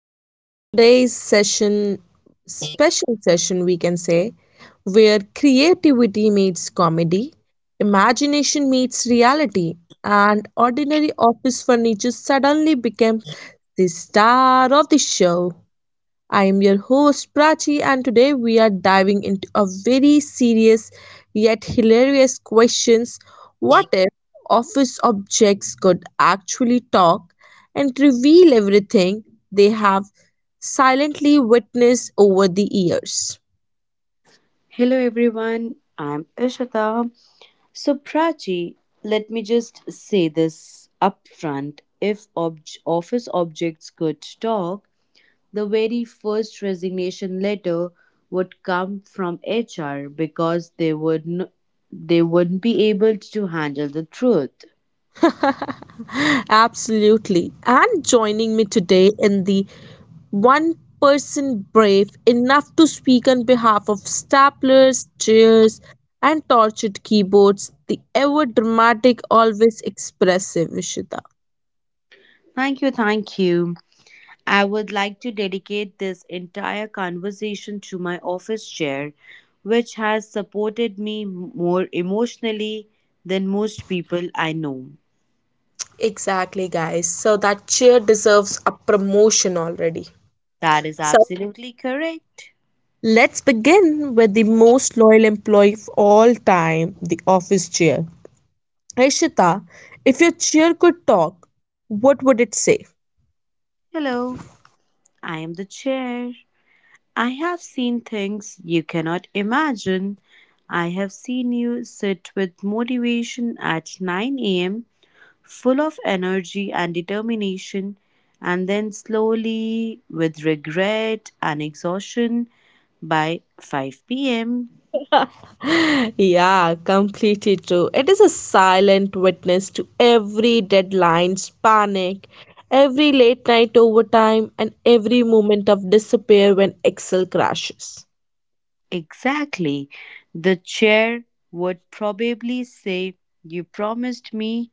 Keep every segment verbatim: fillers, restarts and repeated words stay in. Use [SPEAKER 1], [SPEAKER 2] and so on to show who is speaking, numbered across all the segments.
[SPEAKER 1] and welcome to today's session, special session, we can say, where creativity meets comedy, imagination meets reality, and ordinary office furniture suddenly becomes the star of the show. I am your host Prachi, and today we are diving into a very serious yet hilarious questions. What if office objects could actually talk and reveal everything they have silently witnessed over the years?
[SPEAKER 2] Hello everyone, I'm Ishita. So Prachi, let me just say this up front. If ob- office objects could talk, the very first resignation letter would come from H R because they would n- they wouldn't be able to handle the truth.
[SPEAKER 1] Absolutely. And joining me today in the one person brave enough to speak on behalf of staplers, chairs, and tortured keyboards, the ever dramatic, always expressive Vishita.
[SPEAKER 2] Thank you, thank you. I would like to dedicate this entire conversation to my office chair, which has supported me more emotionally than most people I know.
[SPEAKER 1] Exactly, guys. So that chair deserves a promotion already.
[SPEAKER 2] That is
[SPEAKER 1] So
[SPEAKER 2] absolutely correct.
[SPEAKER 1] let's begin with the most loyal employee of all time, the office chair. Ishita, if your chair could talk, what would it say?
[SPEAKER 2] Hello, I am the chair. I have seen things you cannot imagine. I have seen you sit with motivation at nine a m, full of energy and determination, and then slowly, with regret and exhaustion, by five p m.
[SPEAKER 1] Yeah, completely true. It is a silent witness to every deadline's panic, every late night overtime, and every moment of despair when Excel crashes.
[SPEAKER 2] Exactly. The chair would probably say, "You promised me.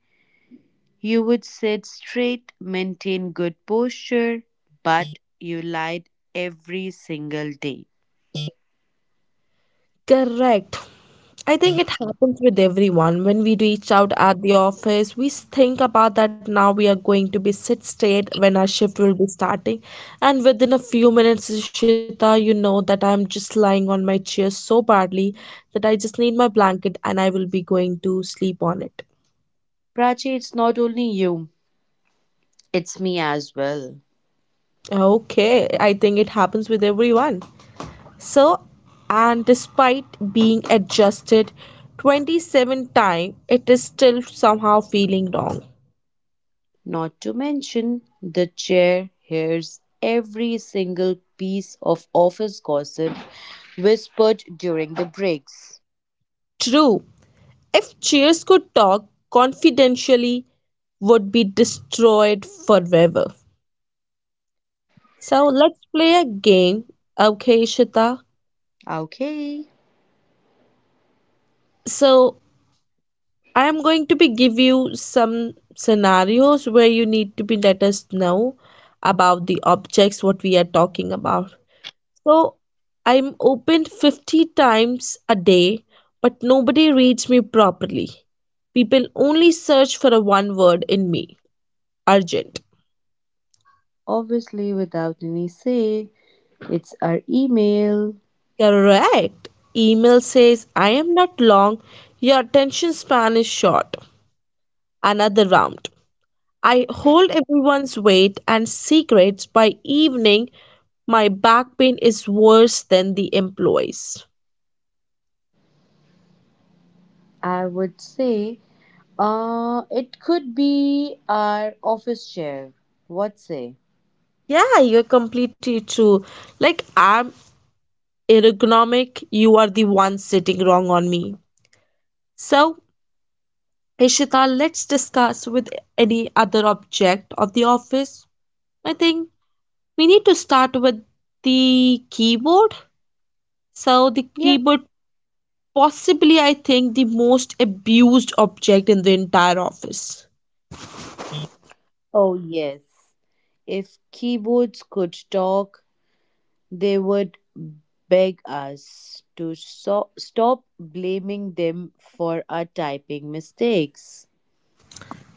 [SPEAKER 2] You would sit straight, maintain good posture, but you lied every single day."
[SPEAKER 1] Correct. I think it happens with everyone. When we reach out at the office, we s- think about that now we are going to be sit straight when our shift will be starting. And within a few minutes, Ishita, you know that I'm just lying on my chair so badly that I just need my blanket and I will be going to sleep on it.
[SPEAKER 2] Prachi, it's not only you, it's me as well.
[SPEAKER 1] Okay, I think it happens with everyone. So, and despite being adjusted twenty-seven times, it is still somehow feeling wrong.
[SPEAKER 2] Not to mention, the chair hears every single piece of office gossip whispered during the breaks.
[SPEAKER 1] True, if chairs could talk, confidentially would be destroyed forever. So let's play a game, okay, Shita?
[SPEAKER 2] Okay.
[SPEAKER 1] So I am going to be give you some scenarios where you need to be let us know about the objects what we are talking about. So I'm opened fifty times a day, but nobody reads me properly. People only search for a one word in me, urgent.
[SPEAKER 2] Obviously, without any say, it's our email.
[SPEAKER 1] Correct. Email says, I am not long, your attention span is short. Another round. I hold everyone's weight and secrets by evening. My back pain is worse than the employees.
[SPEAKER 2] I would say, uh, it could be our office chair. What say?
[SPEAKER 1] Yeah, you're completely true. Like, I'm ergonomic, you are the one sitting wrong on me. So, Ishita, let's discuss with any other object of the office. I think we need to start with the keyboard. So the
[SPEAKER 2] Yeah.
[SPEAKER 1] keyboard possibly I think the most abused object in the entire office.
[SPEAKER 2] Oh, yes. If keyboards could talk, they would beg us to so- stop blaming them for our typing mistakes.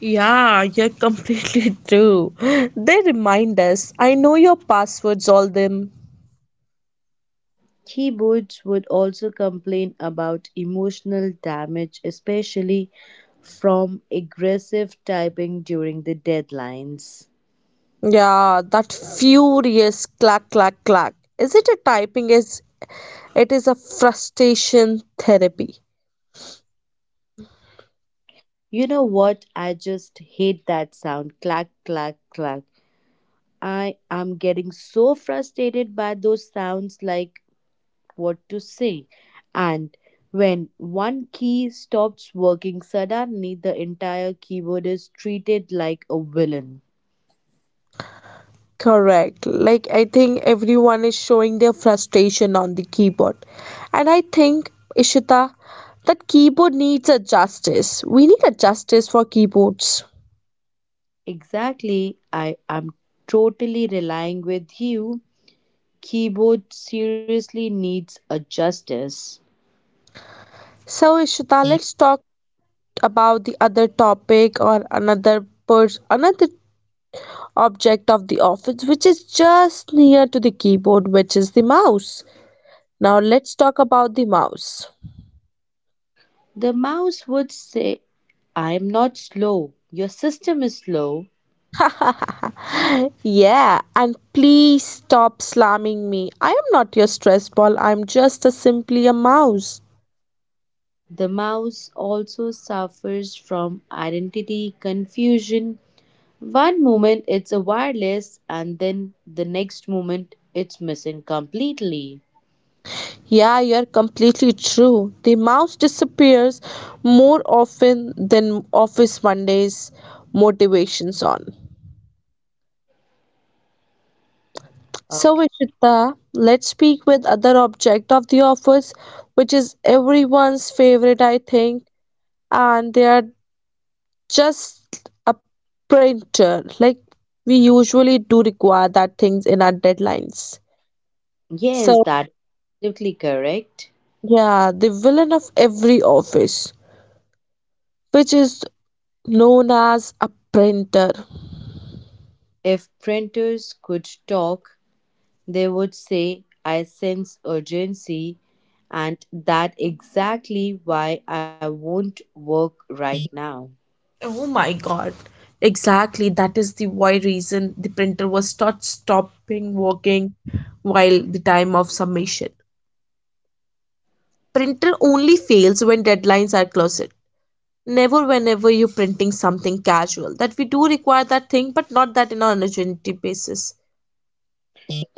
[SPEAKER 1] Yeah, you're completely true. They remind us, I know your passwords, all them.
[SPEAKER 2] Keyboards would also complain about emotional damage, especially from aggressive typing during the deadlines.
[SPEAKER 1] Yeah, that furious clack, clack, clack. Is it a typing? Is it is a frustration therapy?
[SPEAKER 2] You know what? I just hate that sound, clack, clack, clack. I am getting so frustrated by those sounds, like, what to say. And when one key stops working, suddenly the entire keyboard is treated like a villain.
[SPEAKER 1] Correct. Like, I think everyone is showing their frustration on the keyboard. And I think, Ishita, that keyboard needs a justice. We need a justice for keyboards.
[SPEAKER 2] Exactly, I am totally relying with you. Keyboard seriously needs a justice.
[SPEAKER 1] So, Ishita, let's talk about the other topic or another pers- another object of the office which is just near to the keyboard, which is the mouse. Now, let's talk about the mouse.
[SPEAKER 2] The mouse would say, "I am not slow. Your system is slow."
[SPEAKER 1] yeah, and please stop slamming me. I am not your stress ball. I'm just a simply a mouse.
[SPEAKER 2] The mouse also suffers from identity confusion. One moment it's a wireless, and then the next moment it's missing completely.
[SPEAKER 1] Yeah, you're completely true. The mouse disappears more often than Office Monday's motivations on. So,
[SPEAKER 2] Okay.
[SPEAKER 1] Ishita, let's speak with other object of the office, which is everyone's favorite, I think, and they are just a printer. Like we usually do require that things in our deadlines.
[SPEAKER 2] Yes,
[SPEAKER 1] So
[SPEAKER 2] that's absolutely correct.
[SPEAKER 1] yeah, the villain of every office, which is known as a printer.
[SPEAKER 2] If printers could talk, they would say, "I sense urgency, and that exactly why I won't work right now."
[SPEAKER 1] Oh my god. Exactly, that is the why reason the printer was not stopping working while the time of submission. Printer only fails when deadlines are close. Never whenever you're printing something casual that we do require that thing but not that in an urgency basis.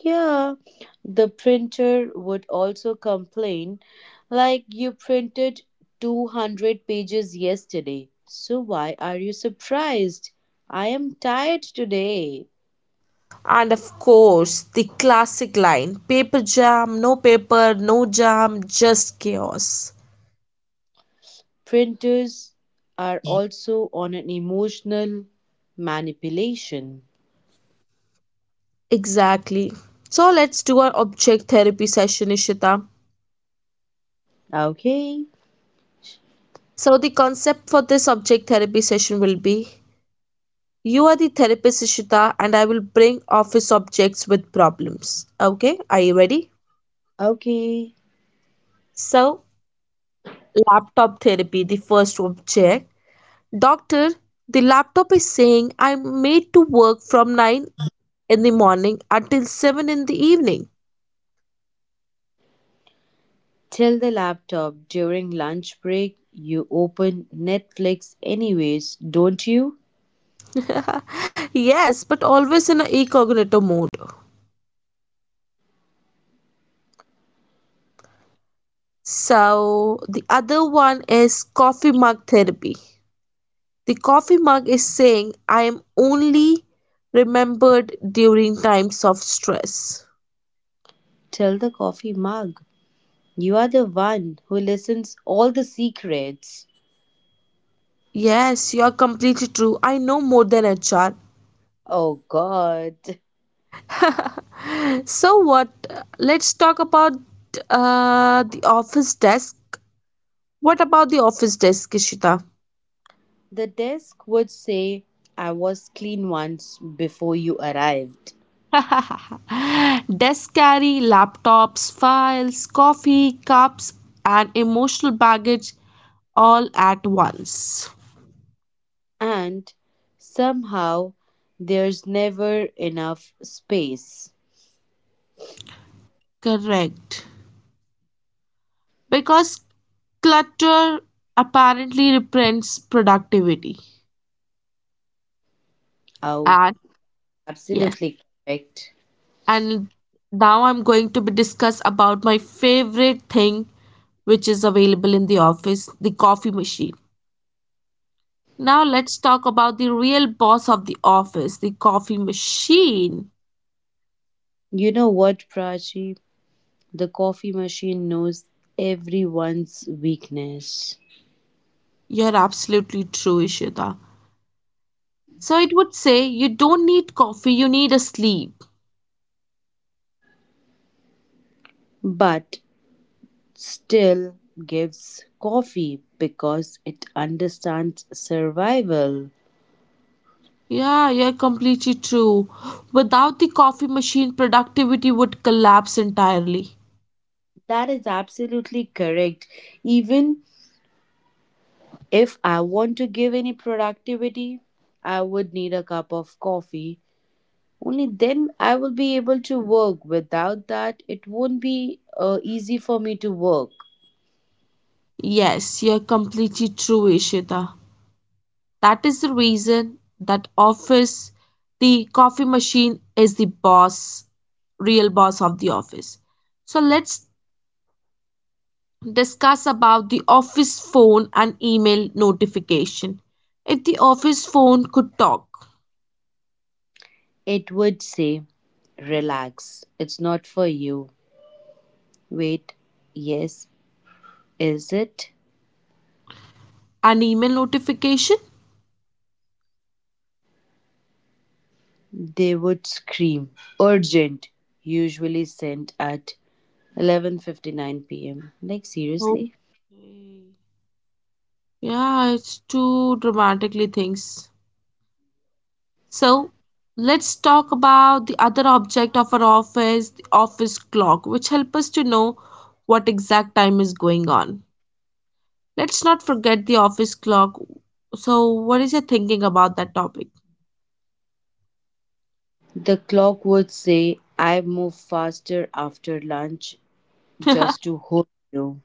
[SPEAKER 2] Yeah, the printer would also complain, like, "You printed two hundred pages yesterday, so why are you surprised? I am tired today."
[SPEAKER 1] And of course the classic line, paper jam, no paper, no jam, just chaos.
[SPEAKER 2] Printers are also on an emotional manipulation.
[SPEAKER 1] Exactly, so let's do our object therapy session, Ishita.
[SPEAKER 2] Okay,
[SPEAKER 1] So the concept for this object therapy session will be you are the therapist, Ishita, and I will bring office objects with problems. Okay, are you ready?
[SPEAKER 2] okay.
[SPEAKER 1] So laptop therapy, the first object. Doctor, the laptop is saying I'm made to work from nine in the morning until seven in the evening.
[SPEAKER 2] Tell the laptop, during lunch break you open Netflix anyways, don't you?
[SPEAKER 1] yes, but always in a incognito mode. So, the other one is coffee mug therapy. The coffee mug is saying I am only remembered during times of stress.
[SPEAKER 2] Tell the coffee mug, you are the one who listens all the secrets.
[SPEAKER 1] Yes, you are completely true. I know more than H R.
[SPEAKER 2] Oh god.
[SPEAKER 1] So what? Let's talk about uh, the office desk. What about the office desk, Ishita?
[SPEAKER 2] The desk would say, "I was clean once before you arrived."
[SPEAKER 1] Desk carry, laptops, files, coffee, cups, and emotional baggage all at once.
[SPEAKER 2] And somehow there's never enough space.
[SPEAKER 1] Correct. Because clutter apparently represents productivity.
[SPEAKER 2] Oh,
[SPEAKER 1] And yes,
[SPEAKER 2] absolutely correct.
[SPEAKER 1] and now I'm going to be discuss about my favorite thing which is available in the office, the coffee machine. Now let's talk about the real boss of the office, the coffee machine.
[SPEAKER 2] You know what, Prachi? The coffee machine knows everyone's weakness.
[SPEAKER 1] You're absolutely true, Ishita. So it would say you don't need coffee, you need a sleep.
[SPEAKER 2] But still gives coffee because it understands survival.
[SPEAKER 1] Yeah, you're completely true. Without the coffee machine, productivity would collapse entirely.
[SPEAKER 2] That is absolutely correct. Even if I want to give any productivity, I would need a cup of coffee. Only then I will be able to work. Without that, it won't be uh, easy for me to work.
[SPEAKER 1] Yes, you're completely true, Ishita. That is the reason that office, the coffee machine is the boss, real boss of the office. So let's discuss about the office phone and email notification. If the office phone could talk,
[SPEAKER 2] It would say, "Relax, it's not for you. Wait, yes, is it?"
[SPEAKER 1] an email notification?
[SPEAKER 2] They would scream, "Urgent!" usually sent at eleven fifty-nine p m. Like, seriously?
[SPEAKER 1] Okay. Yeah, it's too dramatically things. So let's talk about the other object of our office, the office clock, which help us to know what exact time is going on. Let's not forget the office clock. So what is your thinking about that topic?
[SPEAKER 2] The clock would say, "I move faster after lunch just to hold you."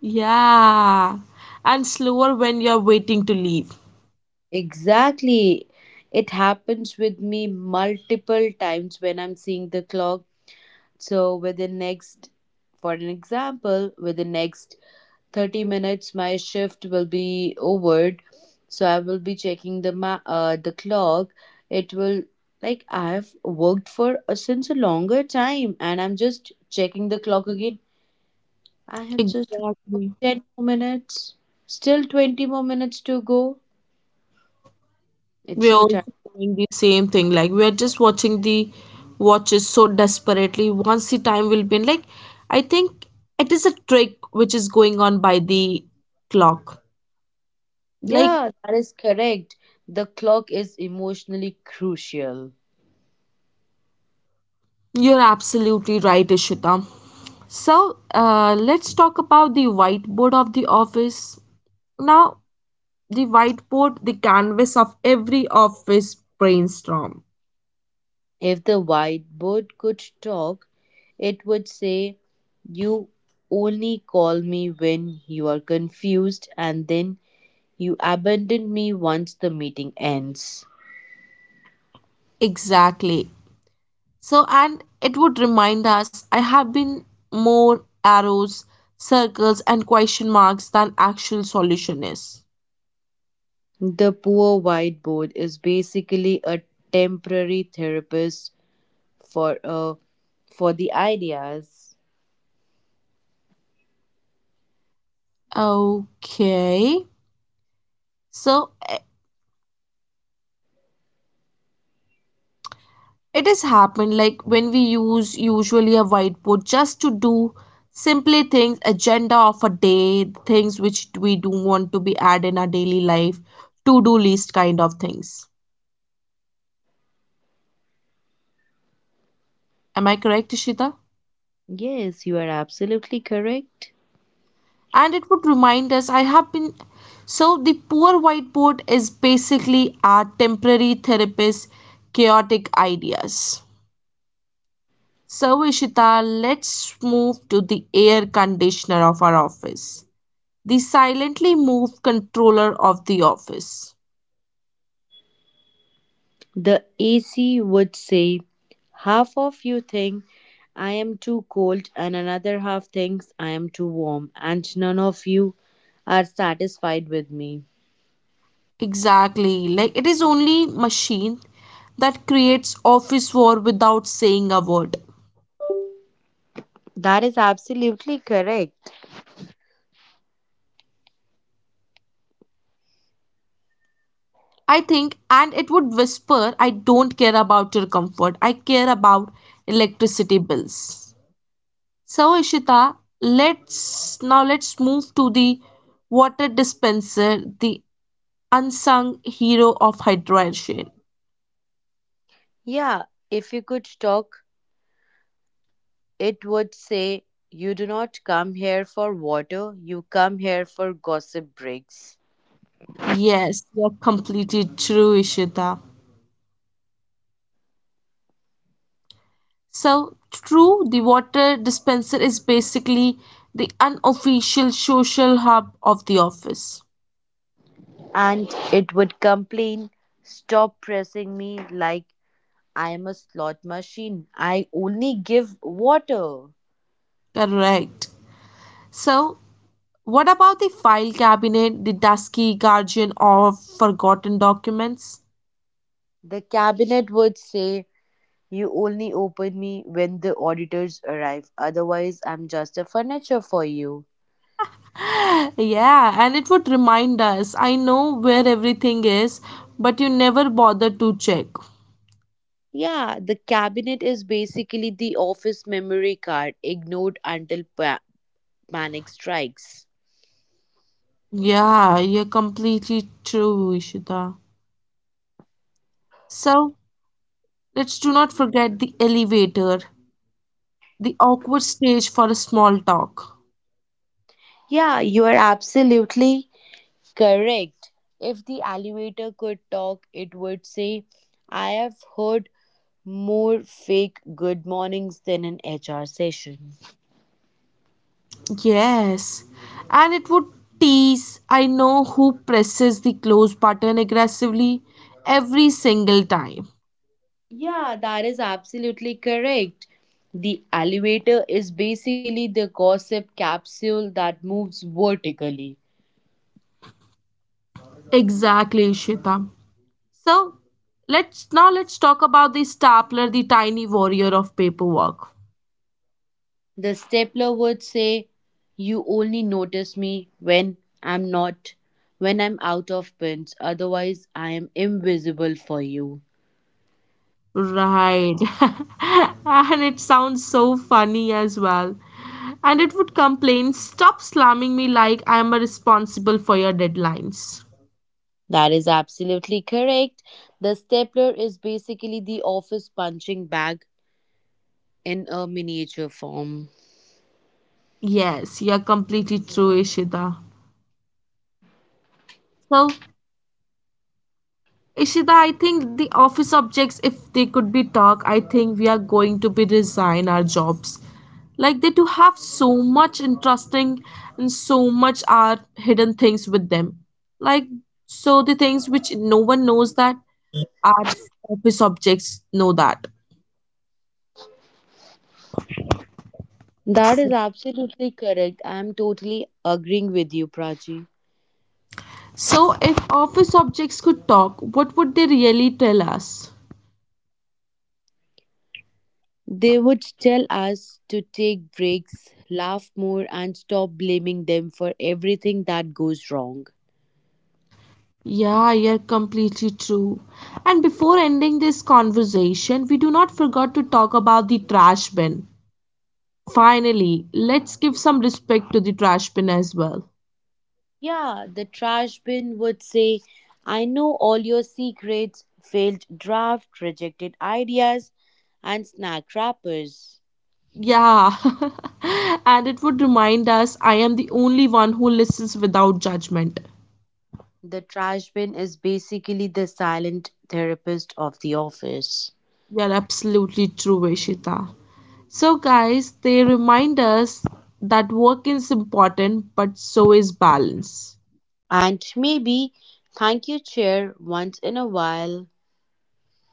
[SPEAKER 1] Yeah. And slower when you're waiting to leave.
[SPEAKER 2] Exactly. It happens with me multiple times when I'm seeing the clock. So, with the next, for an example, with the next thirty minutes my shift will be over, so I will be checking the ma- uh, the clock. It will, like, I have worked for a since a longer time, and I'm just checking the clock again. I have just worked for
[SPEAKER 1] Exactly.
[SPEAKER 2] ten more minutes, still twenty more minutes to go. It's
[SPEAKER 1] We're
[SPEAKER 2] so
[SPEAKER 1] also doing the same thing. Like we're just watching the watches so desperately. Once the time will be in, like I think it is a trick which is going on by the clock.
[SPEAKER 2] tiring.
[SPEAKER 1] Like
[SPEAKER 2] Yeah, that is correct. The clock is emotionally crucial.
[SPEAKER 1] you're absolutely right, Ishita. So uh, let's talk about the whiteboard of the office. Now, the whiteboard, the canvas of every office brainstorm.
[SPEAKER 2] If the whiteboard could talk, it would say, "You only call me when you are confused, and then you abandon me once the meeting ends."
[SPEAKER 1] Exactly. So, and it would remind us I have been more arrows, circles, and question marks than actual solution is.
[SPEAKER 2] The poor whiteboard is basically a temporary therapist for uh, for the ideas.
[SPEAKER 1] Okay. So eh, it has happened like when we use usually a whiteboard just to do simply things, agenda of a day, things which we do want to be add in our daily life, to-do list kind of things. Am I correct, Ishita?
[SPEAKER 2] Yes, you are absolutely correct.
[SPEAKER 1] And it would remind us I have been. So the poor whiteboard is basically our temporary therapist, chaotic ideas. So, Ishita, let's move to the air conditioner of our office, the silently move controller of the office.
[SPEAKER 2] The A C would say, "Half of you think I am too cold, and another half thinks I am too warm, and none of you are satisfied with me."
[SPEAKER 1] Exactly, like it is only machine that creates office war without saying a word.
[SPEAKER 2] That is absolutely correct.
[SPEAKER 1] I think, and it would whisper, I don't care about your comfort, I care about electricity bills. So, Ishita, let's now let's move to the water dispenser, the unsung hero of hydration.
[SPEAKER 2] Yeah, if you could talk, it would say, "You do not come here for water, you come here for gossip breaks."
[SPEAKER 1] Yes, you're completely true, Ishita. So, true, the water dispenser is basically the unofficial social hub of the office.
[SPEAKER 2] And it would complain, "Stop pressing me like I am a slot machine. I only give water."
[SPEAKER 1] Correct. So, what about the file cabinet, the dusky guardian of forgotten documents?
[SPEAKER 2] The cabinet would say, "You only open me when the auditors arrive, otherwise, I'm just a furniture for you."
[SPEAKER 1] Yeah, and it would remind us I know where everything is, but you never bother to check.
[SPEAKER 2] Yeah, the cabinet is basically the office memory card, ignored until pa- panic strikes.
[SPEAKER 1] Yeah, you're completely true, Ishita. So, let's do not forget the elevator, the awkward stage for a small talk.
[SPEAKER 2] Yeah, you are absolutely correct. If the elevator could talk, it would say, "I have heard more fake good mornings than an H R session."
[SPEAKER 1] Yes, and it would tease. I know who presses the close button aggressively every single time.
[SPEAKER 2] Yeah, that is absolutely correct. The elevator is basically the gossip capsule that moves vertically.
[SPEAKER 1] Exactly, Ishita. So let's now let's talk about the stapler, the tiny warrior of paperwork.
[SPEAKER 2] The stapler would say, "You only notice me when I'm not, when I'm out of pins, otherwise, I am invisible for you."
[SPEAKER 1] Right. and it sounds so funny as well. And it would complain, stop slamming me like I am responsible for your deadlines.
[SPEAKER 2] That is absolutely correct. The stapler is basically the office punching bag in a miniature form.
[SPEAKER 1] Yes, you're completely true, Ishita. So Ishita, I think the office objects, if they could be talk, I think we are going to be resign our jobs. Like they do have so much interesting and so much are hidden things with them. Like so the things which no one knows that our office objects know that.
[SPEAKER 2] That is absolutely correct. I'm totally agreeing with you, Prachi.
[SPEAKER 1] So if office objects could talk, what would they really tell us?
[SPEAKER 2] They would tell us to take breaks, laugh more, and stop blaming them for everything that goes wrong.
[SPEAKER 1] Yeah, you're completely true. And before ending this conversation, we do not forget to talk about the trash bin. Finally, let's give some respect to the trash bin as well.
[SPEAKER 2] Yeah, the trash bin would say, "I know all your secrets, failed draft, rejected ideas, and snack wrappers."
[SPEAKER 1] Yeah, and it would remind us I am the only one who listens without judgment.
[SPEAKER 2] The trash bin is basically the silent therapist of the office.
[SPEAKER 1] You're absolutely true, Veshita. So, guys, they remind us that work is important, but so is balance.
[SPEAKER 2] And maybe thank you chair once in a while.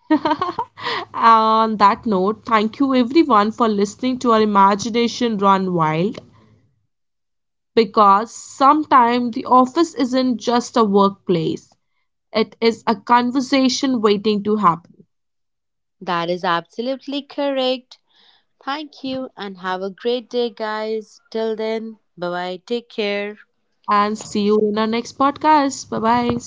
[SPEAKER 1] On that note, thank you everyone for listening to our imagination run wild because sometimes the office isn't just a workplace, it is a conversation waiting to happen.
[SPEAKER 2] That is absolutely correct. Thank you and have a great day, guys. Till then, bye bye. Take care.
[SPEAKER 1] And see you in our next podcast. Bye bye.